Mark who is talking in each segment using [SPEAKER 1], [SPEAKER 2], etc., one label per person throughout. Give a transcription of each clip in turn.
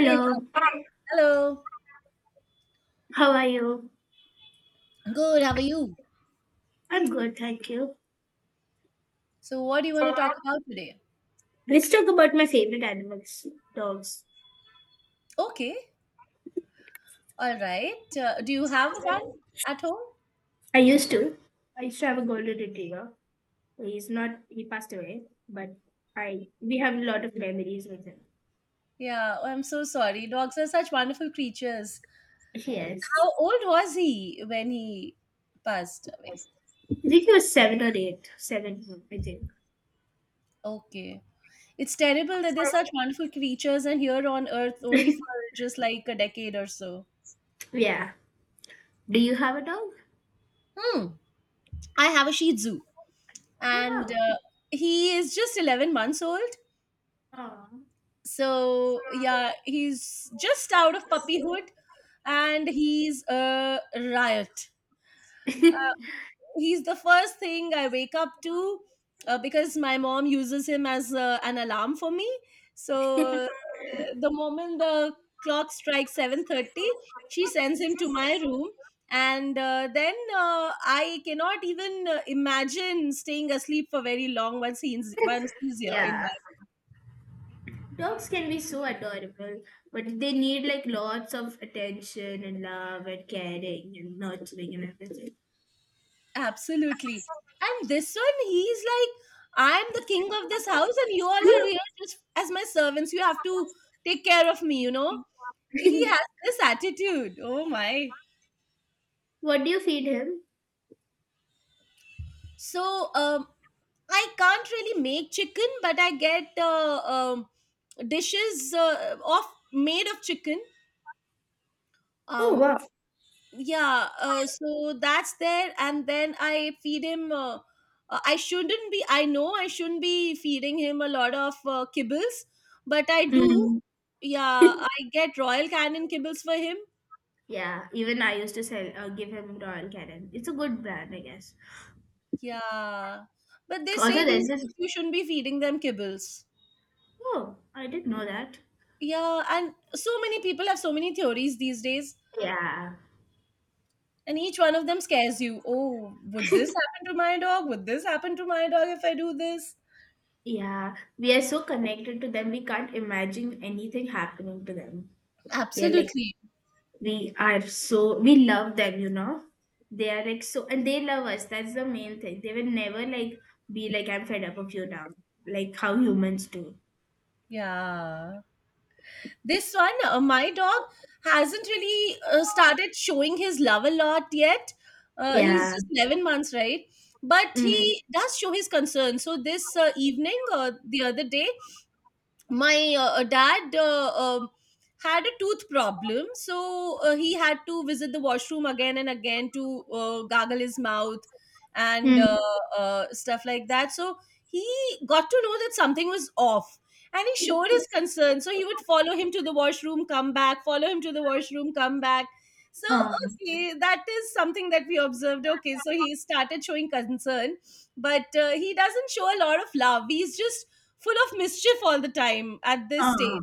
[SPEAKER 1] Hey, hello.
[SPEAKER 2] how are you?
[SPEAKER 1] Good, how are you?
[SPEAKER 2] I'm good, thank you.
[SPEAKER 1] So, what do you want to talk about today?
[SPEAKER 2] Let's talk about my favorite animals, dogs.
[SPEAKER 1] Okay, all right. Do you have a one at home?
[SPEAKER 2] I used to. I used to have a golden retriever. He's not, he passed away, but we have a lot of memories with him.
[SPEAKER 1] Yeah, oh, I'm so sorry. Dogs are such wonderful creatures.
[SPEAKER 2] Yes.
[SPEAKER 1] How old was he when he passed away?
[SPEAKER 2] I think he was seven or eight. Seven, I think.
[SPEAKER 1] Okay. It's terrible that they're such wonderful creatures and here on earth only for just like a decade or so.
[SPEAKER 2] Yeah. Do you have a dog?
[SPEAKER 1] Hmm. I have a Shih Tzu.
[SPEAKER 2] Oh,
[SPEAKER 1] And
[SPEAKER 2] wow.
[SPEAKER 1] uh, he is just 11 months old,
[SPEAKER 2] Aw.
[SPEAKER 1] so yeah, he's just out of puppyhood and he's a riot. He's the first thing I wake up to, because my mom uses him as an alarm for me. so uh, the moment the clock strikes 7:30, she sends him to my room, and then I cannot even imagine staying asleep for very long once he's here in
[SPEAKER 2] Yeah.
[SPEAKER 1] my—
[SPEAKER 2] Dogs can be so adorable, but they need like lots of attention and love and caring and nurturing and everything.
[SPEAKER 1] Absolutely. And this one, he's like, I'm the king of this house, and you all are here just as my servants. You have to take care of me, you know? He has this attitude. Oh my.
[SPEAKER 2] What do you feed him?
[SPEAKER 1] So, I can't really make chicken, but I get dishes of made of chicken.
[SPEAKER 2] Oh,
[SPEAKER 1] Um,
[SPEAKER 2] wow.
[SPEAKER 1] yeah, so that's there, and then I feed him I know I shouldn't be feeding him a lot of kibbles, but I do.
[SPEAKER 2] Mm.
[SPEAKER 1] Yeah, I get Royal Canin kibbles for him.
[SPEAKER 2] Yeah, even I used to give him Royal Canin. It's a good brand, I guess.
[SPEAKER 1] Yeah, but they say
[SPEAKER 2] Also, there's
[SPEAKER 1] these
[SPEAKER 2] this.
[SPEAKER 1] days you shouldn't be feeding them kibbles.
[SPEAKER 2] Oh, I didn't know that.
[SPEAKER 1] Yeah, and so many people have so many theories these days,
[SPEAKER 2] Yeah,
[SPEAKER 1] and each one of them scares you. Oh, would this happen to my dog would this happen to my dog if I do this?
[SPEAKER 2] yeah. We are so connected to them. We can't imagine anything happening to them. Yeah, like
[SPEAKER 1] Absolutely.
[SPEAKER 2] we are so we love them. They are like so, and they love us. That's the main thing. They will never like be like I'm fed up of you now, like how humans do.
[SPEAKER 1] Yeah. This one, my dog hasn't really started showing his love a lot yet. He's
[SPEAKER 2] Yeah.
[SPEAKER 1] just 11 months, right? But
[SPEAKER 2] Mm.
[SPEAKER 1] he does show his concern. So this evening or the other day, my dad had a tooth problem, so he had to visit the washroom again and again to gargle his mouth and
[SPEAKER 2] Mm.
[SPEAKER 1] stuff like that. So he got to know that something was off. And he showed his concern. So he would follow him to the washroom, come back, follow him to the washroom, come back. So, okay, that is something that we observed. Okay, so he started showing concern, but he doesn't show a lot of love. He's just full of mischief all the time at this stage.
[SPEAKER 2] Oh.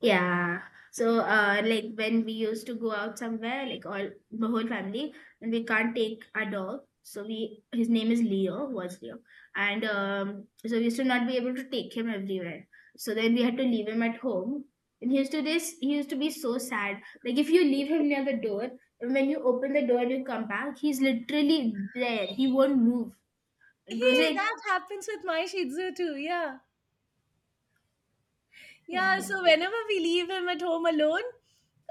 [SPEAKER 2] Yeah. So, like when we used to go out somewhere, like all the whole family, and we can't take our dog. So we, his name is Leo, was Leo, and so we used to not be able to take him everywhere. So then we had to leave him at home. And he used to be so sad. Like if you leave him near the door, and when you open the door and you come back, he's literally there. He won't move. It was
[SPEAKER 1] Hey,
[SPEAKER 2] like,
[SPEAKER 1] that happens with my Shih Tzu too. Yeah. Yeah.
[SPEAKER 2] yeah,
[SPEAKER 1] So whenever we leave him at home alone,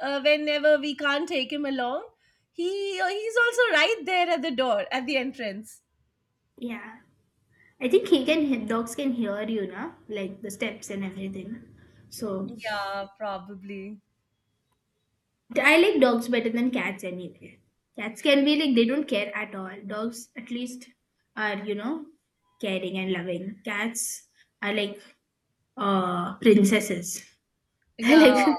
[SPEAKER 1] whenever we can't take him along, he he's also right there at the door at the entrance.
[SPEAKER 2] yeah. I think he can dogs can hear you na, like the steps and everything. So
[SPEAKER 1] Yeah, probably.
[SPEAKER 2] I like dogs better than cats anyway. Cats can be like they don't care at all. Dogs at least are caring and loving. Cats are like princesses. They're
[SPEAKER 1] Yeah.
[SPEAKER 2] like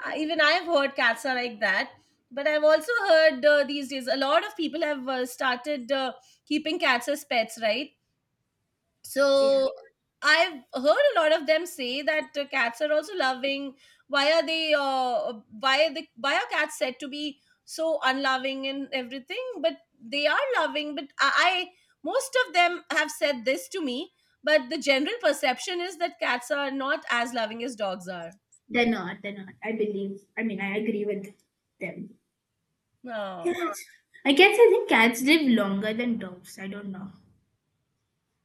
[SPEAKER 1] Even I've heard cats are like that. But I've also heard these days a lot of people have started keeping cats as pets, right?
[SPEAKER 2] Yeah,
[SPEAKER 1] So I've heard a lot of them say that cats are also loving. Why are they? Why are the why are cats said to be so unloving and everything? But they are loving. But I, most of them have said this to me. But the general perception is that cats are not as loving as dogs are.
[SPEAKER 2] they're not. They're not. I believe. I mean, I agree with them.
[SPEAKER 1] Oh,
[SPEAKER 2] Cats. I guess I think cats live longer than dogs. I don't know.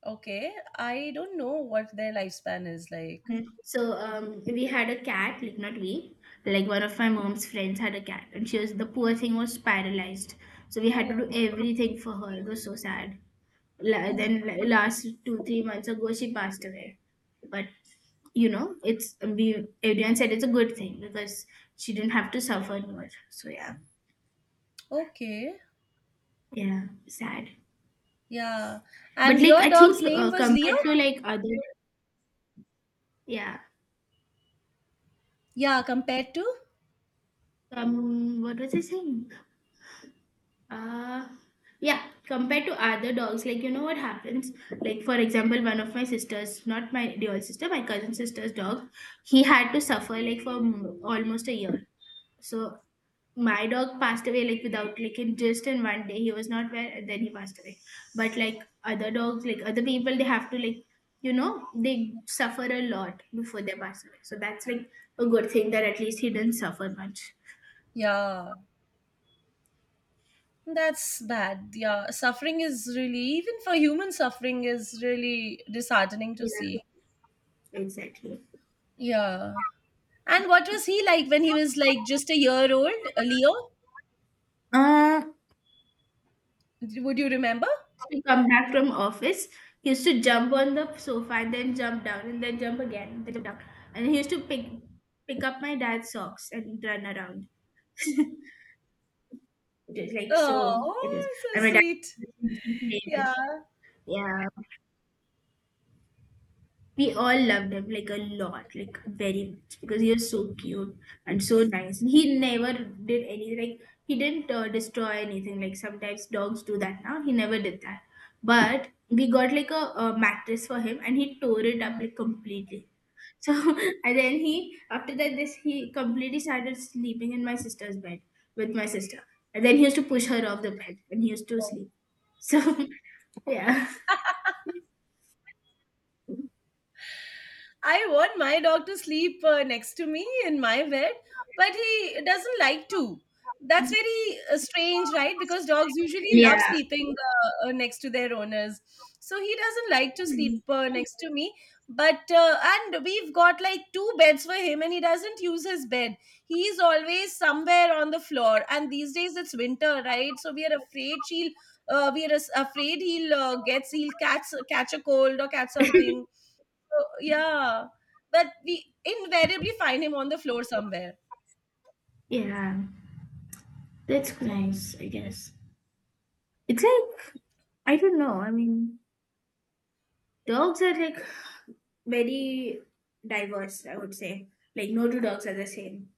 [SPEAKER 1] okay. I don't know what their lifespan is like.
[SPEAKER 2] So we had a cat, like not we, like one of my mom's friends had a cat, and she was the poor thing was paralyzed. So we had
[SPEAKER 1] Oh,
[SPEAKER 2] to do everything for her. It was so sad. La-
[SPEAKER 1] oh,
[SPEAKER 2] then la- last two three months ago, she passed away. But you know, it's we everyone said it's a good thing because she didn't have to suffer anymore. So yeah,
[SPEAKER 1] okay.
[SPEAKER 2] yeah, sad.
[SPEAKER 1] Yeah.
[SPEAKER 2] But
[SPEAKER 1] And
[SPEAKER 2] like
[SPEAKER 1] your
[SPEAKER 2] I
[SPEAKER 1] dog's
[SPEAKER 2] think
[SPEAKER 1] name was Leo?
[SPEAKER 2] compared to like other, yeah.
[SPEAKER 1] Yeah, compared to?
[SPEAKER 2] What was I saying? Uh, yeah, compared to other dogs, like you know what happens? Like for example, one of my sisters, not my dear sister, my cousin sister's dog, he had to suffer like for almost a year. So my dog passed away like without like in one day. He was not well, and then he passed away. But like other dogs, like other people, they have to like you know they suffer a lot before they pass away. So that's like a good thing that at least he didn't suffer much.
[SPEAKER 1] Yeah, that's bad. Yeah, suffering is really, even for human suffering, is really disheartening to see.
[SPEAKER 2] Yeah, exactly.
[SPEAKER 1] Yeah. And what was he like when he was like just a year old, Leo?
[SPEAKER 2] Uh,
[SPEAKER 1] Would you remember?
[SPEAKER 2] we come back from office, he used to jump on the sofa and then jump down and then jump again and then jump down. And he used to pick up my dad's socks and run around. It was like, so it was,
[SPEAKER 1] Oh, so
[SPEAKER 2] and my dad
[SPEAKER 1] sweet.
[SPEAKER 2] used to play with it.
[SPEAKER 1] Yeah.
[SPEAKER 2] Yeah. We all loved him like a lot, like very much, because he was so cute and so nice. He never did anything, like, he didn't destroy anything. Like, sometimes dogs do that now. He never did that. But we got like a mattress for him and he tore it up
[SPEAKER 1] Hmm.
[SPEAKER 2] like completely. So, and then he, after that, this he completely started sleeping in my sister's bed with my sister. And then he used to push her off the bed and he used to sleep. So, yeah.
[SPEAKER 1] I want my dog to sleep next to me in my bed, but he doesn't like to. That's very strange, right? Because dogs usually love
[SPEAKER 2] Yeah.
[SPEAKER 1] sleeping next to their owners. So he doesn't like to sleep next to me. But, and we've got like two beds for him, and he doesn't use his bed. He's always somewhere on the floor. And these days it's winter, right? So we are afraid she'll— we are afraid he'll catch a cold or catch something, so, yeah, but we invariably find him on the floor somewhere.
[SPEAKER 2] Yeah, that's nice, I guess. It's like, I don't know. I mean, dogs are like very diverse, I would say. Like, no two dogs are the same.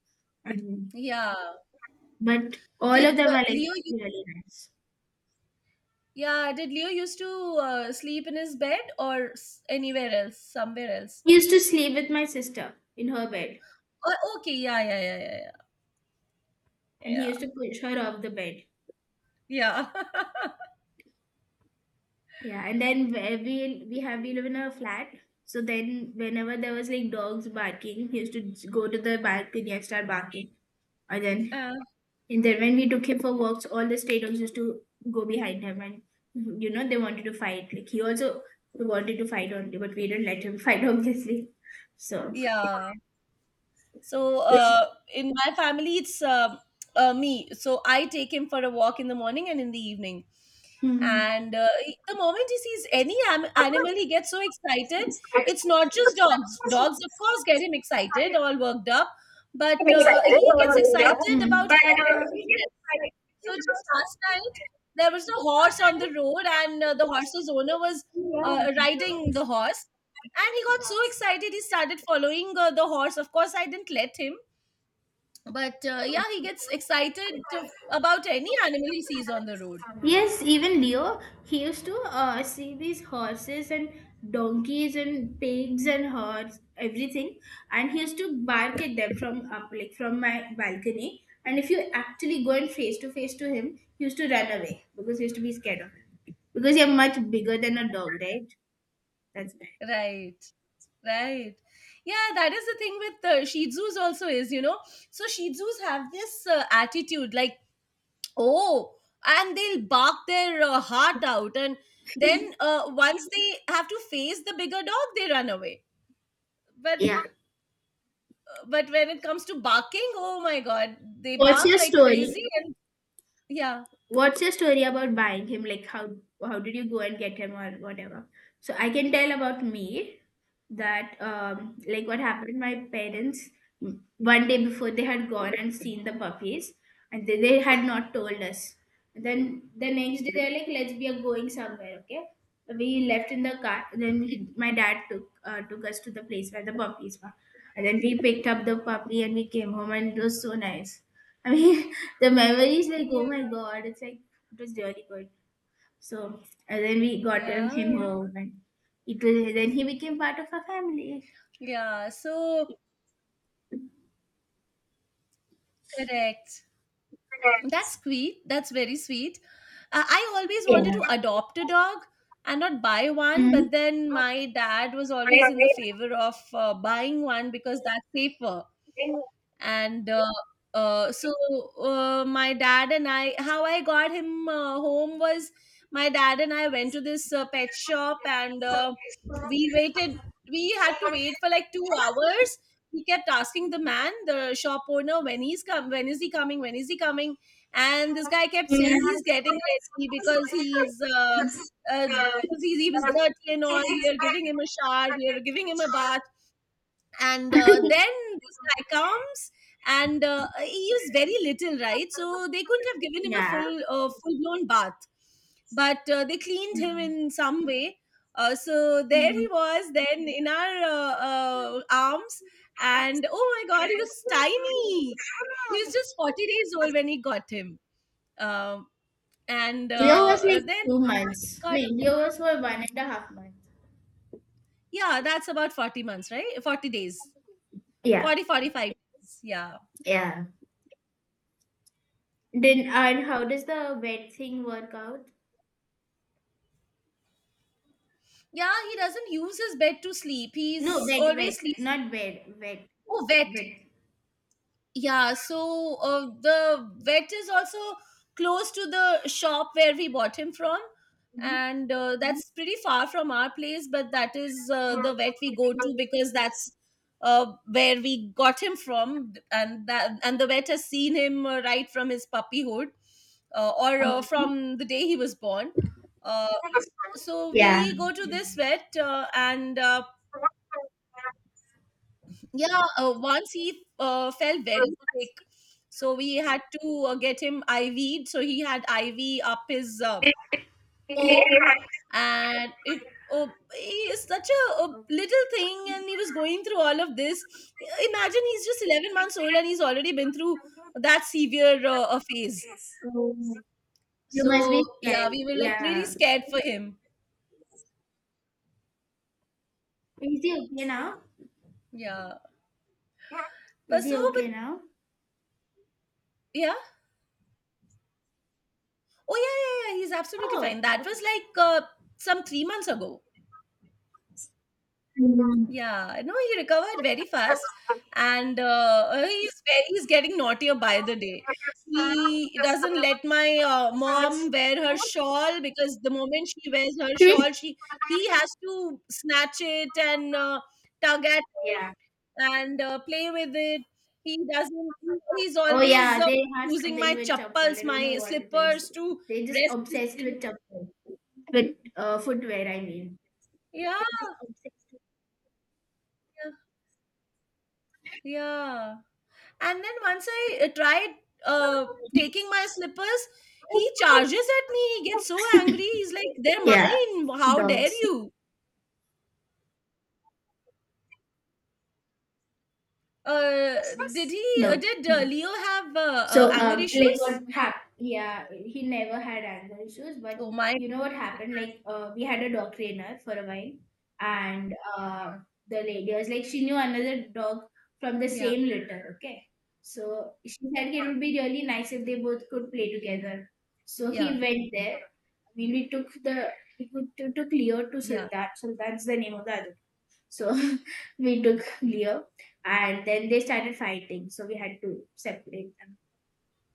[SPEAKER 2] And,
[SPEAKER 1] Yeah.
[SPEAKER 2] but all
[SPEAKER 1] Did
[SPEAKER 2] of them are like
[SPEAKER 1] Leo?
[SPEAKER 2] really nice.
[SPEAKER 1] Yeah, did Leo used to sleep in his bed or anywhere else, somewhere else?
[SPEAKER 2] He used to sleep with my sister in her bed,
[SPEAKER 1] Oh, okay. Yeah, yeah, yeah, yeah, yeah,
[SPEAKER 2] and he
[SPEAKER 1] yeah,
[SPEAKER 2] used to push her off the bed. Yeah, and then where we live in a flat, so then whenever there was like dogs barking, he used to go to the balcony and start barking, and then
[SPEAKER 1] yeah.
[SPEAKER 2] And then when we took him for walks, all the stray dogs used to go behind him, and you know they wanted to fight. Like he also wanted to fight only, but we didn't let him fight, obviously. So
[SPEAKER 1] Yeah. So
[SPEAKER 2] this.
[SPEAKER 1] in my family, it's me. So I take him for a walk in the morning and in the evening.
[SPEAKER 2] Mm,
[SPEAKER 1] And the moment he sees any animal, he gets so excited. It's not just dogs. Dogs, of course, get him excited, all worked up. But he gets excited
[SPEAKER 2] mm.
[SPEAKER 1] about horses as well. So just last night, there was a horse on the road, and the horse's owner was riding the horse. And he got so excited, he started following the horse. Of course, I didn't let him, but yeah, he gets excited to, about any animal he sees on the road.
[SPEAKER 2] Yes, even Leo, he used to see these horses and donkeys and pigs and herds, everything, and he used to bark at them from up, like from my balcony. And if you actually go and face to face to him, he used to run away because he used to be scared of him. Because you're much bigger than a dog, right? That's bad.
[SPEAKER 1] Right, right. Yeah, that is the thing with Shih Tzus also is, you know. So Shih Tzus have this attitude like, oh, and they'll bark their heart out. And then once they have to face the bigger dog, they run away. But but when it comes to barking, oh my God, they
[SPEAKER 2] What's
[SPEAKER 1] bark
[SPEAKER 2] your
[SPEAKER 1] like
[SPEAKER 2] story?
[SPEAKER 1] crazy. And yeah,
[SPEAKER 2] About buying him, like how did you go and get him or whatever. So I can tell about me that like what happened. My parents, one day before, they had gone and seen the puppies, and they had not told us. And then the next day they're like, let's, we are going somewhere, okay. We left in the car, then my dad took us to the place where the puppies were, and then we picked up the puppy and we came home and it was so nice. I mean, the memories, like,
[SPEAKER 1] yeah,
[SPEAKER 2] oh my god, it's like it was really good. So, and then we got him
[SPEAKER 1] yeah,
[SPEAKER 2] home, and it was then he became part of our family.
[SPEAKER 1] yeah. So correct. That's sweet. That's very sweet. I always wanted to
[SPEAKER 2] Yeah.
[SPEAKER 1] adopt a dog and not buy one,
[SPEAKER 2] Mm.
[SPEAKER 1] but then my dad was always in the favor of buying one because that's safer and so my dad and I, how I got him home, was my dad and I went to this pet shop, and uh, we waited we had to wait for like 2 hours. We kept asking the man, the shop owner, when he's come when is he coming when is he coming, and this guy kept
[SPEAKER 2] Mm.
[SPEAKER 1] saying he's getting ready because he's uh, he was dirty and all. We are giving him a shower we are giving him a bath And then this guy comes, and he used very little, right, so they couldn't have given him a
[SPEAKER 2] Yeah.
[SPEAKER 1] full blown bath, but they cleaned him in some way. So there he
[SPEAKER 2] Mm.
[SPEAKER 1] was, then, in our arms, and oh my God, he was tiny. He was just 40 days old when he got him. um, and
[SPEAKER 2] Leo was like
[SPEAKER 1] then
[SPEAKER 2] 2 months.
[SPEAKER 1] got
[SPEAKER 2] No,
[SPEAKER 1] him.
[SPEAKER 2] Leo was for 1.5 months.
[SPEAKER 1] Yeah, that's about 40 months, right? 40 days.
[SPEAKER 2] Yeah.
[SPEAKER 1] 40, 45 days. Yeah.
[SPEAKER 2] Yeah. Then, and how does the wet thing work out?
[SPEAKER 1] Yeah, he doesn't use his bed to sleep.
[SPEAKER 2] No,
[SPEAKER 1] He's
[SPEAKER 2] wet, wet,
[SPEAKER 1] always sleeping.
[SPEAKER 2] not wet, wet.
[SPEAKER 1] Oh, wet. Yeah, so the vet is also close to the shop where we bought him from. And that's pretty far from our place, but that is the vet we go to because that's where we got him from. And, that, and the vet has seen him right from his puppyhood or from the day he was born. Uh, so
[SPEAKER 2] Yeah.
[SPEAKER 1] we go to this vet and yeah, once he felt very sick, so we had to get him IV'd, so he had IV up his paw. And it uh, he is such a little thing, and he was going through all of this. Imagine, he's just 11 months old and he's already been through that severe a phase.
[SPEAKER 2] You must
[SPEAKER 1] So
[SPEAKER 2] be scared.
[SPEAKER 1] yeah, we were like really
[SPEAKER 2] Yeah.
[SPEAKER 1] scared for him.
[SPEAKER 2] Is he okay now?
[SPEAKER 1] Yeah, but
[SPEAKER 2] Is
[SPEAKER 1] so
[SPEAKER 2] he okay
[SPEAKER 1] but
[SPEAKER 2] now?
[SPEAKER 1] yeah. Oh yeah, yeah, yeah, he's absolutely fine.
[SPEAKER 2] Oh,
[SPEAKER 1] That was
[SPEAKER 2] okay.
[SPEAKER 1] like some 3 months ago.
[SPEAKER 2] Mhm.
[SPEAKER 1] Yeah, no, he recovered very fast, and he's very, he's getting naughtier by the day. He doesn't let my mom wear her shawl, because the moment she wears her
[SPEAKER 2] Hmm?
[SPEAKER 1] shawl, she— he has to snatch it and tug at it
[SPEAKER 2] Yeah.
[SPEAKER 1] and play with it. He doesn't. He- He's
[SPEAKER 2] Oh
[SPEAKER 1] always
[SPEAKER 2] yeah, they have
[SPEAKER 1] using
[SPEAKER 2] something
[SPEAKER 1] my
[SPEAKER 2] with Chappal.
[SPEAKER 1] chappals,
[SPEAKER 2] I don't know
[SPEAKER 1] my
[SPEAKER 2] what it is.
[SPEAKER 1] slippers, to
[SPEAKER 2] They just
[SPEAKER 1] rest his
[SPEAKER 2] obsessed
[SPEAKER 1] head.
[SPEAKER 2] with Chappal. With footwear, I mean.
[SPEAKER 1] Yeah, yeah. Yeah. And then once I tried uh, taking my slippers, he charges at me. He gets so angry. He's like, "They're
[SPEAKER 2] Yeah.
[SPEAKER 1] mine. How dare
[SPEAKER 2] Dogs.
[SPEAKER 1] you?" Did he?
[SPEAKER 2] No.
[SPEAKER 1] Did
[SPEAKER 2] No.
[SPEAKER 1] Leo have
[SPEAKER 2] So,
[SPEAKER 1] anger
[SPEAKER 2] like
[SPEAKER 1] issues?
[SPEAKER 2] what happened? Yeah, he never had anger issues, but
[SPEAKER 1] Oh my.
[SPEAKER 2] you know what happened? Like, we had a dog trainer for a while, and the lady was like, she knew another dog from the
[SPEAKER 1] Yeah,
[SPEAKER 2] same litter. Okay, so she said it would be really nice if they both could play together. So he
[SPEAKER 1] yeah,
[SPEAKER 2] went there. I mean, we took Leo to
[SPEAKER 1] yeah.
[SPEAKER 2] Sultan. Sultan's the name of the other. So we took Leo, and then they started fighting. So we had to separate them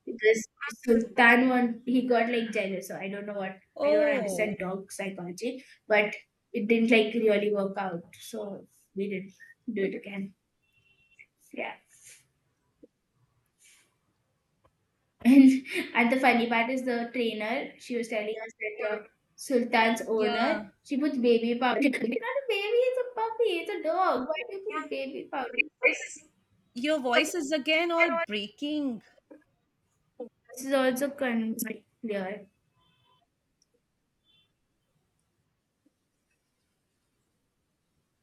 [SPEAKER 2] because Sultan one he got like jealous. So I don't know what, I don't understand
[SPEAKER 1] Oh,
[SPEAKER 2] dog psychology, but it didn't like really work out. So we didn't do it again. Yeah. And at the funny part is the trainer, she was telling us that the Sultan's owner,
[SPEAKER 1] yeah.
[SPEAKER 2] she puts baby powder. It's not a baby, it's a puppy, it's a dog. Why do you put baby powder?
[SPEAKER 1] Your voice is again all breaking.
[SPEAKER 2] This is also like, clear.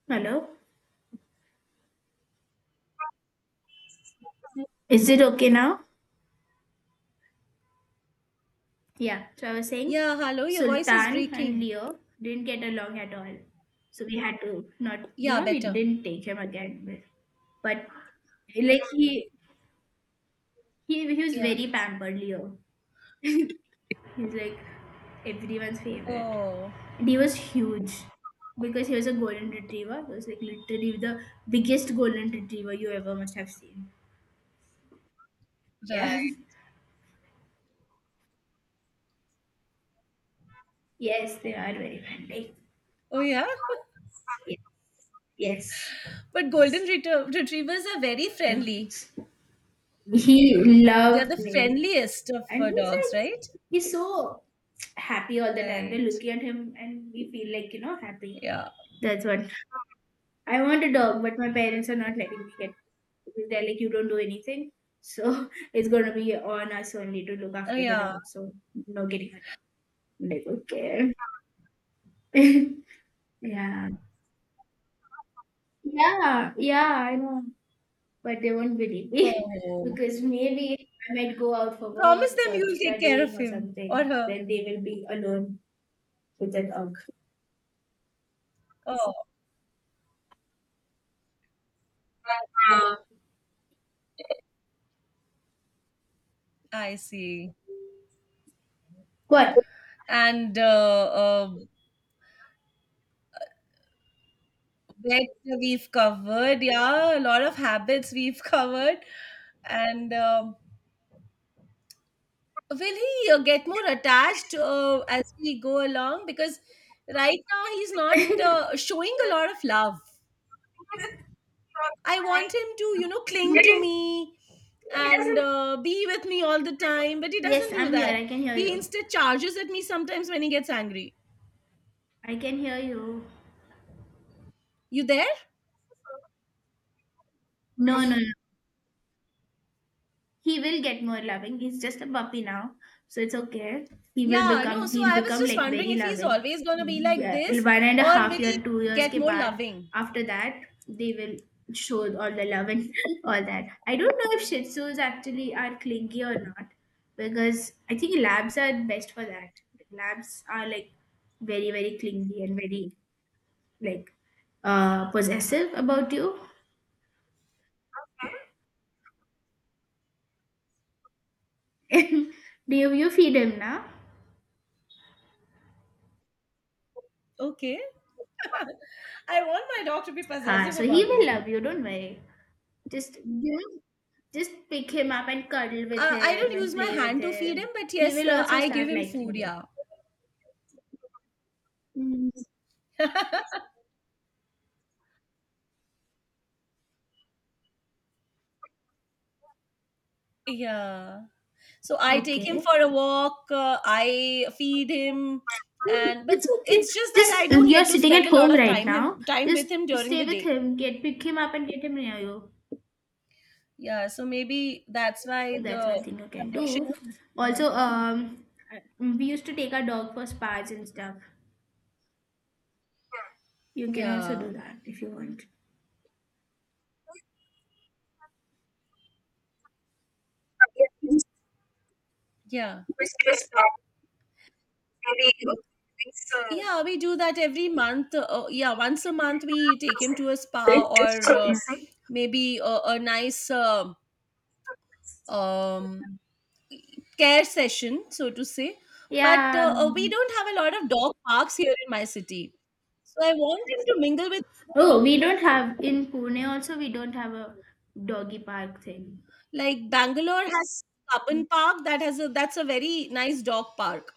[SPEAKER 2] Hello? Is it okay now? Yeah, so I was saying
[SPEAKER 1] Yeah, hello. Your voice is
[SPEAKER 2] Sultan and
[SPEAKER 1] breaking.
[SPEAKER 2] Leo didn't get along at all. So we had to not,
[SPEAKER 1] Yeah,
[SPEAKER 2] we
[SPEAKER 1] better.
[SPEAKER 2] didn't take him again. But like he was
[SPEAKER 1] Yeah.
[SPEAKER 2] very pampered, Leo. He's like everyone's favorite.
[SPEAKER 1] Oh,
[SPEAKER 2] And he was huge because he was a golden retriever. He was like literally the biggest golden retriever you ever must have seen.
[SPEAKER 1] right.
[SPEAKER 2] Yeah. Yes, they are very friendly.
[SPEAKER 1] Oh, yeah.
[SPEAKER 2] Yes,
[SPEAKER 1] But retrievers are very friendly.
[SPEAKER 2] dudes. He
[SPEAKER 1] They're
[SPEAKER 2] loved
[SPEAKER 1] the
[SPEAKER 2] playing.
[SPEAKER 1] friendliest of
[SPEAKER 2] And he's
[SPEAKER 1] dogs,
[SPEAKER 2] like,
[SPEAKER 1] right?
[SPEAKER 2] he's so happy all the time. We're
[SPEAKER 1] Right.
[SPEAKER 2] looking at him and we feel like, happy.
[SPEAKER 1] Yeah.
[SPEAKER 2] That's what I want a dog, but my parents are not letting me get because they're like, you don't do anything. So it's going to be on us only to look
[SPEAKER 1] Oh,
[SPEAKER 2] after the
[SPEAKER 1] yeah.
[SPEAKER 2] dog. So no getting a dog. I'm like, okay. Yeah. Yeah. Yeah. I know. But they won't believe me
[SPEAKER 1] Oh.
[SPEAKER 2] because maybe I might go out for work
[SPEAKER 1] Promise them
[SPEAKER 2] or
[SPEAKER 1] you'll take care of
[SPEAKER 2] studying or
[SPEAKER 1] him or
[SPEAKER 2] something.
[SPEAKER 1] her.
[SPEAKER 2] Then they will be alone with the dog.
[SPEAKER 1] Oh, I see.
[SPEAKER 2] What?
[SPEAKER 1] And vet we've covered. Yeah, a lot of habits we've covered. And Will he get more attached as we go along? Because right now he's not showing a lot of love. I want him to, you know, cling to me and be with me all the time, but he
[SPEAKER 2] Yes,
[SPEAKER 1] doesn't do
[SPEAKER 2] I'm here.
[SPEAKER 1] that.
[SPEAKER 2] I can hear
[SPEAKER 1] He
[SPEAKER 2] you.
[SPEAKER 1] instead charges at me sometimes when he gets angry.
[SPEAKER 2] I can hear you.
[SPEAKER 1] You there?
[SPEAKER 2] No, yes. No, no. He will get more loving. He's just a puppy now, so it's okay. He will
[SPEAKER 1] Yeah, no.
[SPEAKER 2] become.
[SPEAKER 1] So
[SPEAKER 2] He'll
[SPEAKER 1] I was
[SPEAKER 2] become
[SPEAKER 1] just
[SPEAKER 2] like
[SPEAKER 1] wondering
[SPEAKER 2] very
[SPEAKER 1] if he's
[SPEAKER 2] loving.
[SPEAKER 1] always going to be like
[SPEAKER 2] Yeah,
[SPEAKER 1] this
[SPEAKER 2] One and a
[SPEAKER 1] or will
[SPEAKER 2] half year,
[SPEAKER 1] he
[SPEAKER 2] 2 years
[SPEAKER 1] get
[SPEAKER 2] ke
[SPEAKER 1] more
[SPEAKER 2] baad.
[SPEAKER 1] loving?
[SPEAKER 2] After that, they will show all the love and all that. I don't know if Shih Tzus actually are clingy or not, because I think labs are best for that. Labs are like very, very clingy and very like possessive about you. Do you feed him now?
[SPEAKER 1] Okay. I want my dog to be
[SPEAKER 2] Ah,
[SPEAKER 1] possessive
[SPEAKER 2] so he
[SPEAKER 1] about
[SPEAKER 2] will
[SPEAKER 1] me.
[SPEAKER 2] love you, don't worry. Just you know, just pick him up and cuddle with
[SPEAKER 1] I don't
[SPEAKER 2] him and
[SPEAKER 1] use my
[SPEAKER 2] play with
[SPEAKER 1] hand to feed him,
[SPEAKER 2] him.
[SPEAKER 1] but
[SPEAKER 2] He
[SPEAKER 1] yes,
[SPEAKER 2] will also
[SPEAKER 1] I give
[SPEAKER 2] start
[SPEAKER 1] him food.
[SPEAKER 2] liking you.
[SPEAKER 1] Yeah.
[SPEAKER 2] Mm,
[SPEAKER 1] Yeah. So I take him
[SPEAKER 2] Okay.
[SPEAKER 1] for a walk, I feed him and but
[SPEAKER 2] It's okay.
[SPEAKER 1] it's just that I
[SPEAKER 2] Just
[SPEAKER 1] don't
[SPEAKER 2] you're
[SPEAKER 1] get to
[SPEAKER 2] sitting
[SPEAKER 1] spend
[SPEAKER 2] at
[SPEAKER 1] a lot
[SPEAKER 2] home
[SPEAKER 1] of
[SPEAKER 2] right
[SPEAKER 1] time
[SPEAKER 2] now.
[SPEAKER 1] him time
[SPEAKER 2] Just
[SPEAKER 1] with him during the
[SPEAKER 2] stay with
[SPEAKER 1] day.
[SPEAKER 2] him. Get Pick him up and get him near you.
[SPEAKER 1] Yeah, so maybe that's why
[SPEAKER 2] That's
[SPEAKER 1] the
[SPEAKER 2] one thing you can
[SPEAKER 1] connection
[SPEAKER 2] do.
[SPEAKER 1] is yeah.
[SPEAKER 2] Also, we used to take our dog for spas and stuff. You can also do
[SPEAKER 1] Yeah.
[SPEAKER 2] that if you want.
[SPEAKER 1] Yeah. Yeah, we do that every month. Yeah, once a month we take him to a spa or maybe a nice um care session, so to say. But
[SPEAKER 2] Yeah,
[SPEAKER 1] we don't have a lot of dog parks here in my city. So I want him to mingle with other
[SPEAKER 2] oh,
[SPEAKER 1] dogs
[SPEAKER 2] we don't
[SPEAKER 1] also.
[SPEAKER 2] have in Pune, also we don't have a doggy park thing.
[SPEAKER 1] Like Bangalore has Cabin Park that has a that's a very nice dog park.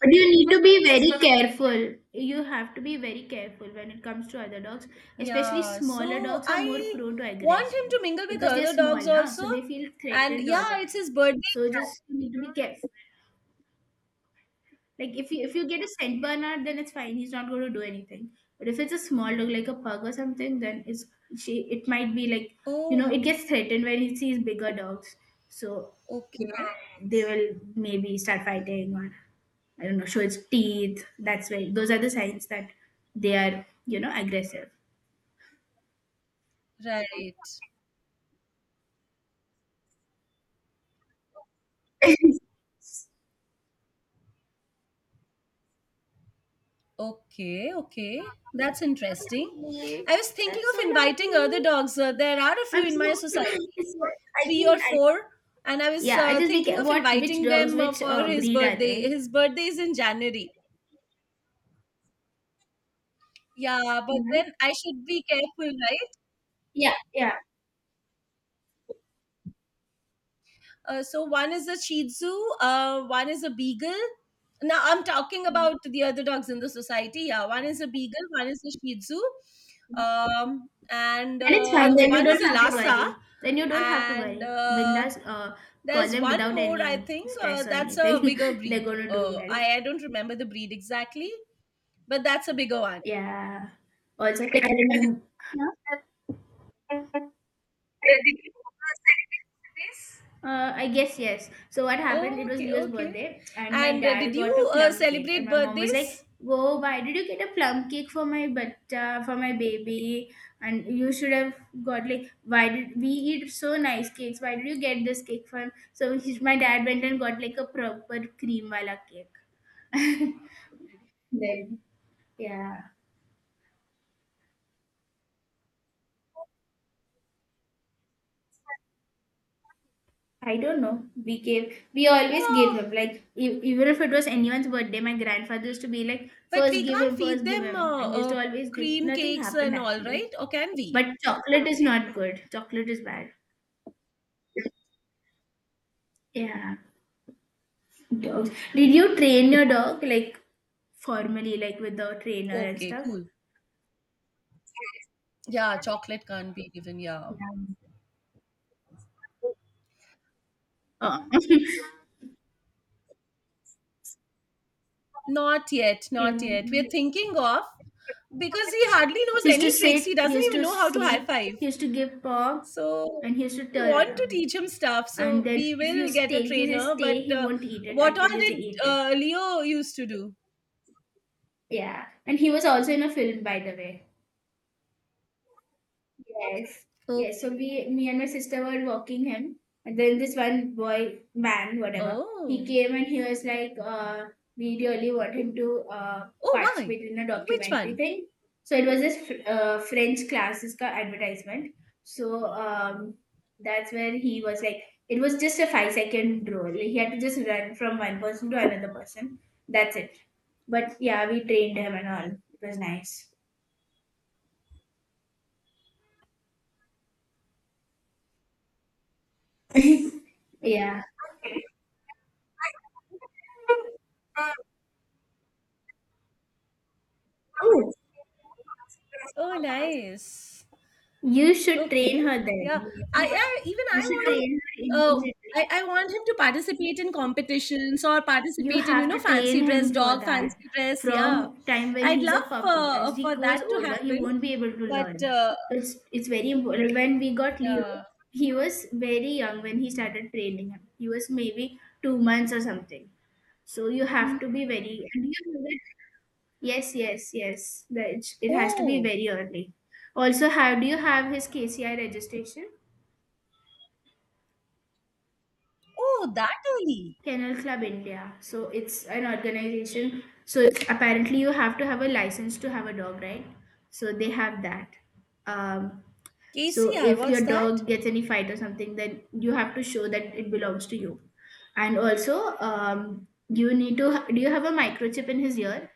[SPEAKER 2] But you need to be very careful. You have to be very careful when it comes to other dogs. Especially
[SPEAKER 1] Yeah,
[SPEAKER 2] smaller
[SPEAKER 1] so
[SPEAKER 2] dogs are more
[SPEAKER 1] I
[SPEAKER 2] prone to
[SPEAKER 1] want him to
[SPEAKER 2] aggression
[SPEAKER 1] mingle with
[SPEAKER 2] because they're
[SPEAKER 1] other
[SPEAKER 2] small
[SPEAKER 1] dogs
[SPEAKER 2] now,
[SPEAKER 1] also.
[SPEAKER 2] so they feel
[SPEAKER 1] And
[SPEAKER 2] threatened all the
[SPEAKER 1] yeah, it's
[SPEAKER 2] time.
[SPEAKER 1] his birthday.
[SPEAKER 2] So just you need to be careful. Like if you get a Saint Bernard, then it's fine. He's not going to do anything. But if it's a small dog like a pug or something, then it's she. It might be like, you know,
[SPEAKER 1] Oh,
[SPEAKER 2] it gets threatened when it sees bigger dogs. So you
[SPEAKER 1] okay.
[SPEAKER 2] know, they will maybe start fighting or I don't know, show its teeth. That's why those are the signs that they are, you know, aggressive. So
[SPEAKER 1] Right. Okay, okay. That's interesting.
[SPEAKER 2] lovely.
[SPEAKER 1] I was thinking
[SPEAKER 2] That's so
[SPEAKER 1] of inviting
[SPEAKER 2] lovely.
[SPEAKER 1] other dogs. There are a few
[SPEAKER 2] I'm
[SPEAKER 1] in my
[SPEAKER 2] so
[SPEAKER 1] society,
[SPEAKER 2] it's so- I
[SPEAKER 1] three or
[SPEAKER 2] can I
[SPEAKER 1] four, and I was
[SPEAKER 2] yeah, I just
[SPEAKER 1] thinking of
[SPEAKER 2] what which
[SPEAKER 1] inviting
[SPEAKER 2] dogs,
[SPEAKER 1] them
[SPEAKER 2] which
[SPEAKER 1] for his
[SPEAKER 2] breed are
[SPEAKER 1] birthday.
[SPEAKER 2] they?
[SPEAKER 1] His birthday is in January. Yeah, but
[SPEAKER 2] Yeah.
[SPEAKER 1] then I should be careful, right?
[SPEAKER 2] Yeah, yeah.
[SPEAKER 1] So one is a Shih Tzu, one is a Beagle. Now I'm talking about the other dogs in the society. Yeah, one is a Beagle, one is a Shih Tzu, and
[SPEAKER 2] Then it's fine. Okay. Then you
[SPEAKER 1] one is
[SPEAKER 2] don't
[SPEAKER 1] a
[SPEAKER 2] have to
[SPEAKER 1] Lhasa,
[SPEAKER 2] worry. Then you don't have to
[SPEAKER 1] and
[SPEAKER 2] worry. Bindas call
[SPEAKER 1] there's
[SPEAKER 2] them
[SPEAKER 1] one
[SPEAKER 2] without
[SPEAKER 1] more I
[SPEAKER 2] any
[SPEAKER 1] think
[SPEAKER 2] stress or
[SPEAKER 1] that's a
[SPEAKER 2] anything.
[SPEAKER 1] bigger
[SPEAKER 2] They're
[SPEAKER 1] breed.
[SPEAKER 2] gonna do
[SPEAKER 1] Uh,
[SPEAKER 2] well.
[SPEAKER 1] I I don't remember the breed exactly, but that's a bigger one.
[SPEAKER 2] Yeah. Also I guess yes. So what happened? It was
[SPEAKER 1] Okay,
[SPEAKER 2] Leo's
[SPEAKER 1] okay.
[SPEAKER 2] birthday, and my
[SPEAKER 1] And did
[SPEAKER 2] dad
[SPEAKER 1] you
[SPEAKER 2] got a plum cake, and
[SPEAKER 1] celebrate
[SPEAKER 2] my mom was like,
[SPEAKER 1] birthdays?
[SPEAKER 2] "Whoa, why did you get a plum cake for my but for my baby? And you should have got like, why did we eat so nice cakes? Why did you get this cake for him?" So his, my dad went and got like a proper cream wala cake. Then yeah. I don't know. We always gave
[SPEAKER 1] Oh,
[SPEAKER 2] him. Like, even if it was anyone's birthday, my grandfather used to be like,
[SPEAKER 1] but
[SPEAKER 2] first
[SPEAKER 1] we
[SPEAKER 2] give
[SPEAKER 1] can't
[SPEAKER 2] him,
[SPEAKER 1] feed
[SPEAKER 2] first give
[SPEAKER 1] them
[SPEAKER 2] him. And we used to always give.
[SPEAKER 1] cream
[SPEAKER 2] Nothing
[SPEAKER 1] cakes
[SPEAKER 2] happened
[SPEAKER 1] and all,
[SPEAKER 2] actually.
[SPEAKER 1] right? Or can we?
[SPEAKER 2] But chocolate is not good. Chocolate is bad. Yeah. Dogs. Did you train your dog, like, formally, like with the trainer and
[SPEAKER 1] Okay,
[SPEAKER 2] stuff?
[SPEAKER 1] cool. Yeah, chocolate can't be given. Yeah.
[SPEAKER 2] Yeah. Oh.
[SPEAKER 1] Not yet, not
[SPEAKER 2] Yeah.
[SPEAKER 1] yet. We're thinking of because he hardly knows
[SPEAKER 2] He used to
[SPEAKER 1] any tricks. He
[SPEAKER 2] sit, he
[SPEAKER 1] doesn't
[SPEAKER 2] used
[SPEAKER 1] even
[SPEAKER 2] to
[SPEAKER 1] know how to high
[SPEAKER 2] sleep,
[SPEAKER 1] five.
[SPEAKER 2] he used to give paw,
[SPEAKER 1] So
[SPEAKER 2] and he used to
[SPEAKER 1] we
[SPEAKER 2] turn
[SPEAKER 1] want to
[SPEAKER 2] around.
[SPEAKER 1] teach him stuff.
[SPEAKER 2] And
[SPEAKER 1] So
[SPEAKER 2] then
[SPEAKER 1] we will get a
[SPEAKER 2] if you say
[SPEAKER 1] trainer.
[SPEAKER 2] stay,
[SPEAKER 1] But
[SPEAKER 2] he won't eat it
[SPEAKER 1] what
[SPEAKER 2] until
[SPEAKER 1] all
[SPEAKER 2] you say
[SPEAKER 1] did
[SPEAKER 2] eat it.
[SPEAKER 1] Leo used to do?
[SPEAKER 2] Yeah. And he was also in a film, by the way. Yes. Yes. So
[SPEAKER 1] Okay.
[SPEAKER 2] we, me and my sister were walking him, and then this one boy, man, whatever, he
[SPEAKER 1] Oh.
[SPEAKER 2] came and he was like, we really want him to
[SPEAKER 1] Oh, why?
[SPEAKER 2] participate in a
[SPEAKER 1] Which
[SPEAKER 2] documentary
[SPEAKER 1] one?
[SPEAKER 2] thing. So it was this French classes ka advertisement. So that's where he was like, it was just a 5 second role. He had to just run from one person to another person. That's it. But yeah, we trained him and all. It was nice. Yeah.
[SPEAKER 1] Oh, nice.
[SPEAKER 2] You should train
[SPEAKER 1] Okay.
[SPEAKER 2] her
[SPEAKER 1] Yeah.
[SPEAKER 2] then.
[SPEAKER 1] I, I even
[SPEAKER 2] You
[SPEAKER 1] I
[SPEAKER 2] should
[SPEAKER 1] want
[SPEAKER 2] train her
[SPEAKER 1] to
[SPEAKER 2] immediately.
[SPEAKER 1] I want him to participate in competitions or
[SPEAKER 2] You
[SPEAKER 1] participate in, you
[SPEAKER 2] have
[SPEAKER 1] know,
[SPEAKER 2] to train
[SPEAKER 1] fancy dress,
[SPEAKER 2] him for
[SPEAKER 1] dog
[SPEAKER 2] that.
[SPEAKER 1] fancy dress. Yeah.
[SPEAKER 2] From time when
[SPEAKER 1] I'd
[SPEAKER 2] he's
[SPEAKER 1] love
[SPEAKER 2] a puppy, as he
[SPEAKER 1] for
[SPEAKER 2] grows
[SPEAKER 1] that to
[SPEAKER 2] older, he
[SPEAKER 1] happen.
[SPEAKER 2] won't be able to
[SPEAKER 1] But
[SPEAKER 2] learn. So it's very important. When we got Leo,
[SPEAKER 1] yeah.
[SPEAKER 2] he was very young when he started training him. He was maybe 2 months or something. So you have to
[SPEAKER 1] Mm.
[SPEAKER 2] be very and you have to yes, yes, yes. That it has to be
[SPEAKER 1] Oh,
[SPEAKER 2] very early. Also, how do you have his KCI registration?
[SPEAKER 1] oh, that early.
[SPEAKER 2] Kennel Club India. So it's an organization. So it's, apparently you have to have a license to have a dog, right? So they have that. Um, so
[SPEAKER 1] KCR,
[SPEAKER 2] if your
[SPEAKER 1] what's that?
[SPEAKER 2] dog gets any fight or something, then you have to show that it belongs to you. And also, you need to. Do you have a microchip in his ear?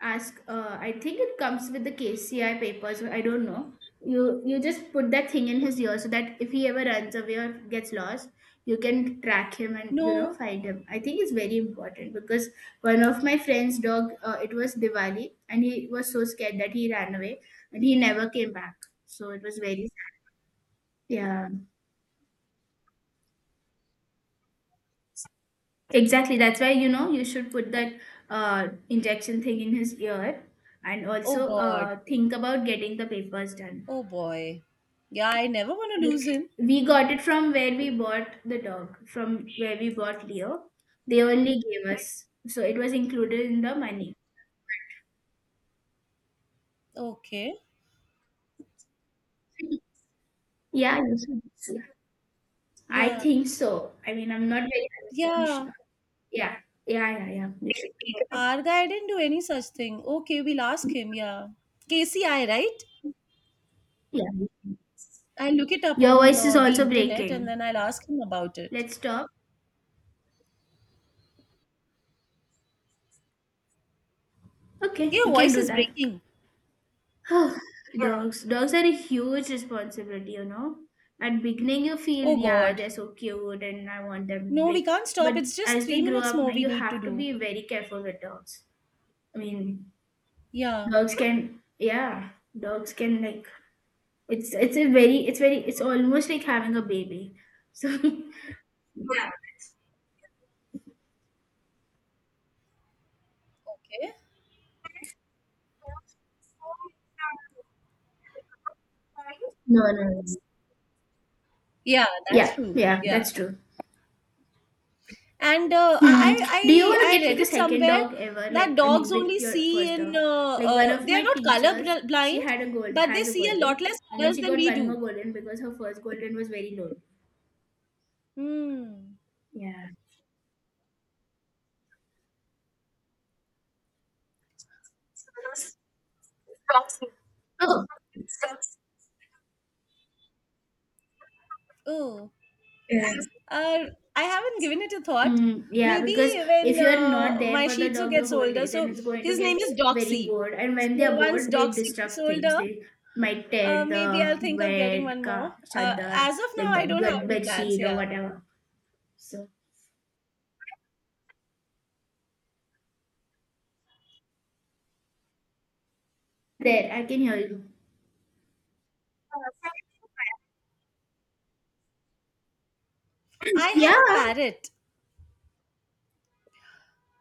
[SPEAKER 2] Ask, I think it comes with the KCI papers, I don't know. You just put that thing in his ear so that if he ever runs away or gets lost, you can track him and, you know,
[SPEAKER 1] No.
[SPEAKER 2] find him. I think it's very important because one of my friend's dog, it was Diwali and he was so scared that he ran away and he never came back. So it was very sad. Yeah, exactly, that's why, you know, you should put that injection thing in his ear. And
[SPEAKER 1] Oh
[SPEAKER 2] also,
[SPEAKER 1] God.
[SPEAKER 2] think about getting the papers done.
[SPEAKER 1] Oh boy. Yeah, I never want to lose him.
[SPEAKER 2] Like, we got it from where we bought the dog, from where we bought Leo. They only gave us, so it was included in the money.
[SPEAKER 1] Okay.
[SPEAKER 2] Yeah, you should see. I
[SPEAKER 1] Yeah.
[SPEAKER 2] think so. I mean, I'm not very 100%
[SPEAKER 1] Yeah.
[SPEAKER 2] sure. Yeah, yeah, yeah, yeah. You should go.
[SPEAKER 1] Our guy didn't do any such thing. Okay, we'll ask him. Yeah. KCI, right?
[SPEAKER 2] Yeah.
[SPEAKER 1] I'll look it up
[SPEAKER 2] Your
[SPEAKER 1] on
[SPEAKER 2] voice is
[SPEAKER 1] the
[SPEAKER 2] also
[SPEAKER 1] internet and
[SPEAKER 2] breaking.
[SPEAKER 1] then I'll ask him about it.
[SPEAKER 2] Let's stop. Okay,
[SPEAKER 1] Your
[SPEAKER 2] we can
[SPEAKER 1] voice
[SPEAKER 2] do
[SPEAKER 1] is
[SPEAKER 2] that.
[SPEAKER 1] breaking.
[SPEAKER 2] Dogs, dogs are a huge responsibility, you know. At beginning, you feel,
[SPEAKER 1] Oh,
[SPEAKER 2] yeah,
[SPEAKER 1] God.
[SPEAKER 2] they're so cute and I want them,
[SPEAKER 1] No, we
[SPEAKER 2] like,
[SPEAKER 1] can't
[SPEAKER 2] but
[SPEAKER 1] stop. It's just
[SPEAKER 2] as
[SPEAKER 1] three
[SPEAKER 2] they grow
[SPEAKER 1] minutes
[SPEAKER 2] up
[SPEAKER 1] more
[SPEAKER 2] now,
[SPEAKER 1] we
[SPEAKER 2] you
[SPEAKER 1] need to
[SPEAKER 2] have to
[SPEAKER 1] do.
[SPEAKER 2] be very careful with dogs. I mean,
[SPEAKER 1] Yeah.
[SPEAKER 2] dogs can, yeah, dogs can, like, it's a very, it's almost like having a baby. So, no,
[SPEAKER 1] Okay.
[SPEAKER 2] no, it's-
[SPEAKER 1] Yeah, that's
[SPEAKER 2] yeah,
[SPEAKER 1] true.
[SPEAKER 2] yeah,
[SPEAKER 1] Yeah.
[SPEAKER 2] that's true.
[SPEAKER 1] And
[SPEAKER 2] Hmm. Do you want to
[SPEAKER 1] I
[SPEAKER 2] get like
[SPEAKER 1] read
[SPEAKER 2] a
[SPEAKER 1] it
[SPEAKER 2] second
[SPEAKER 1] somewhere
[SPEAKER 2] dog ever?
[SPEAKER 1] that
[SPEAKER 2] Like, I
[SPEAKER 1] dogs
[SPEAKER 2] mean,
[SPEAKER 1] only
[SPEAKER 2] with your
[SPEAKER 1] see
[SPEAKER 2] first
[SPEAKER 1] in,
[SPEAKER 2] dog. Like one of
[SPEAKER 1] they are
[SPEAKER 2] my
[SPEAKER 1] not
[SPEAKER 2] teachers, she
[SPEAKER 1] blind,
[SPEAKER 2] had a
[SPEAKER 1] but they
[SPEAKER 2] has a
[SPEAKER 1] see a lot
[SPEAKER 2] golden,
[SPEAKER 1] less
[SPEAKER 2] and then
[SPEAKER 1] colors
[SPEAKER 2] she
[SPEAKER 1] than
[SPEAKER 2] got
[SPEAKER 1] we
[SPEAKER 2] one more
[SPEAKER 1] do.
[SPEAKER 2] golden because her first golden was very low.
[SPEAKER 1] Hmm.
[SPEAKER 2] Yeah. Oh.
[SPEAKER 1] Oh. Uh, I haven't given it a thought.
[SPEAKER 2] Mm, yeah,
[SPEAKER 1] Maybe
[SPEAKER 2] because
[SPEAKER 1] when
[SPEAKER 2] if you're not there
[SPEAKER 1] my
[SPEAKER 2] for the
[SPEAKER 1] Shih Tzu
[SPEAKER 2] dog the
[SPEAKER 1] gets
[SPEAKER 2] whole
[SPEAKER 1] older,
[SPEAKER 2] day, then
[SPEAKER 1] so
[SPEAKER 2] it's going to
[SPEAKER 1] his name
[SPEAKER 2] get
[SPEAKER 1] is
[SPEAKER 2] very
[SPEAKER 1] Doxy.
[SPEAKER 2] bored. And
[SPEAKER 1] So
[SPEAKER 2] when they're
[SPEAKER 1] once
[SPEAKER 2] bored, they
[SPEAKER 1] Doxy gets
[SPEAKER 2] destruct things.
[SPEAKER 1] older,
[SPEAKER 2] They might tear
[SPEAKER 1] maybe I'll
[SPEAKER 2] the
[SPEAKER 1] think of getting
[SPEAKER 2] bed,
[SPEAKER 1] one
[SPEAKER 2] ka,
[SPEAKER 1] more.
[SPEAKER 2] chadar,
[SPEAKER 1] As of now,
[SPEAKER 2] like
[SPEAKER 1] I
[SPEAKER 2] the
[SPEAKER 1] don't have
[SPEAKER 2] bed,
[SPEAKER 1] any
[SPEAKER 2] bed
[SPEAKER 1] plans.
[SPEAKER 2] sheet or
[SPEAKER 1] Yeah,
[SPEAKER 2] whatever. So there, I can hear you.
[SPEAKER 1] I have
[SPEAKER 2] Yeah.
[SPEAKER 1] a parrot.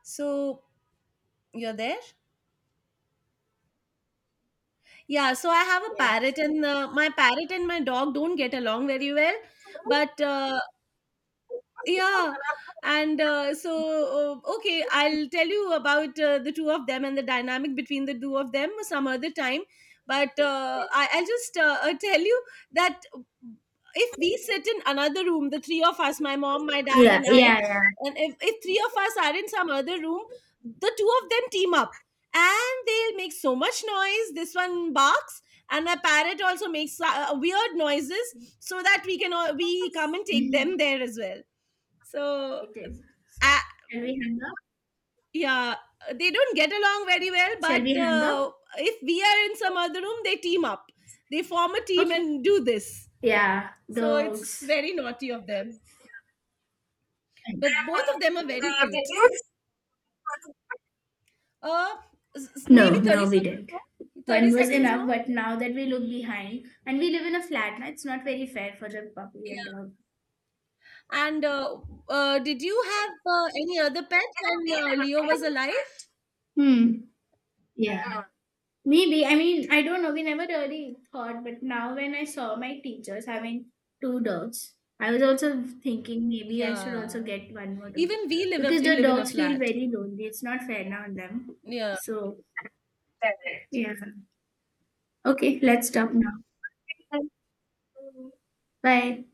[SPEAKER 1] So you're there? Yeah. So I have a
[SPEAKER 2] Yes.
[SPEAKER 1] parrot, and my parrot and my dog don't get along very well. But yeah and so okay, I'll tell you about the two of them and the dynamic between the two of them some other time, but I'll just tell you that if we sit in another room, the three of us, my mom, my dad
[SPEAKER 2] Yeah,
[SPEAKER 1] and I,
[SPEAKER 2] yeah,
[SPEAKER 1] and if three of us are in some other room, the two of them team up and they'll make so much noise. This one barks, and my parrot also makes weird noises so that we come and take
[SPEAKER 2] yeah.
[SPEAKER 1] them there as well. So
[SPEAKER 2] It is.
[SPEAKER 1] uh,
[SPEAKER 2] Shall we hang up?
[SPEAKER 1] yeah, they don't get along very well,
[SPEAKER 2] Shall
[SPEAKER 1] but
[SPEAKER 2] we hang up?
[SPEAKER 1] if we are in some other room, they team up, they form a team
[SPEAKER 2] Okay.
[SPEAKER 1] and do this.
[SPEAKER 2] Yeah,
[SPEAKER 1] So it's
[SPEAKER 2] dogs.
[SPEAKER 1] very naughty of them, but both of them are very cute. uh Maybe
[SPEAKER 2] No,
[SPEAKER 1] 30
[SPEAKER 2] no, we
[SPEAKER 1] seconds
[SPEAKER 2] didn't.
[SPEAKER 1] more. 30
[SPEAKER 2] One was
[SPEAKER 1] seconds
[SPEAKER 2] enough,
[SPEAKER 1] more,
[SPEAKER 2] but now that we look behind and we live in a flat, now it's not very fair for the puppy and
[SPEAKER 1] yeah.
[SPEAKER 2] dog.
[SPEAKER 1] And did you have any other pet when Leo was alive?
[SPEAKER 2] Hmm. Yeah. Maybe. I mean, I don't know. We never really thought, but now when I saw my teachers having 2 dogs, I was also thinking maybe I should also
[SPEAKER 1] Yeah,
[SPEAKER 2] get one more dog
[SPEAKER 1] even we
[SPEAKER 2] because the
[SPEAKER 1] live in a
[SPEAKER 2] dogs feel
[SPEAKER 1] flat.
[SPEAKER 2] very lonely. It's not fair now on them.
[SPEAKER 1] Yeah.
[SPEAKER 2] So yeah. Okay, let's stop now. Bye.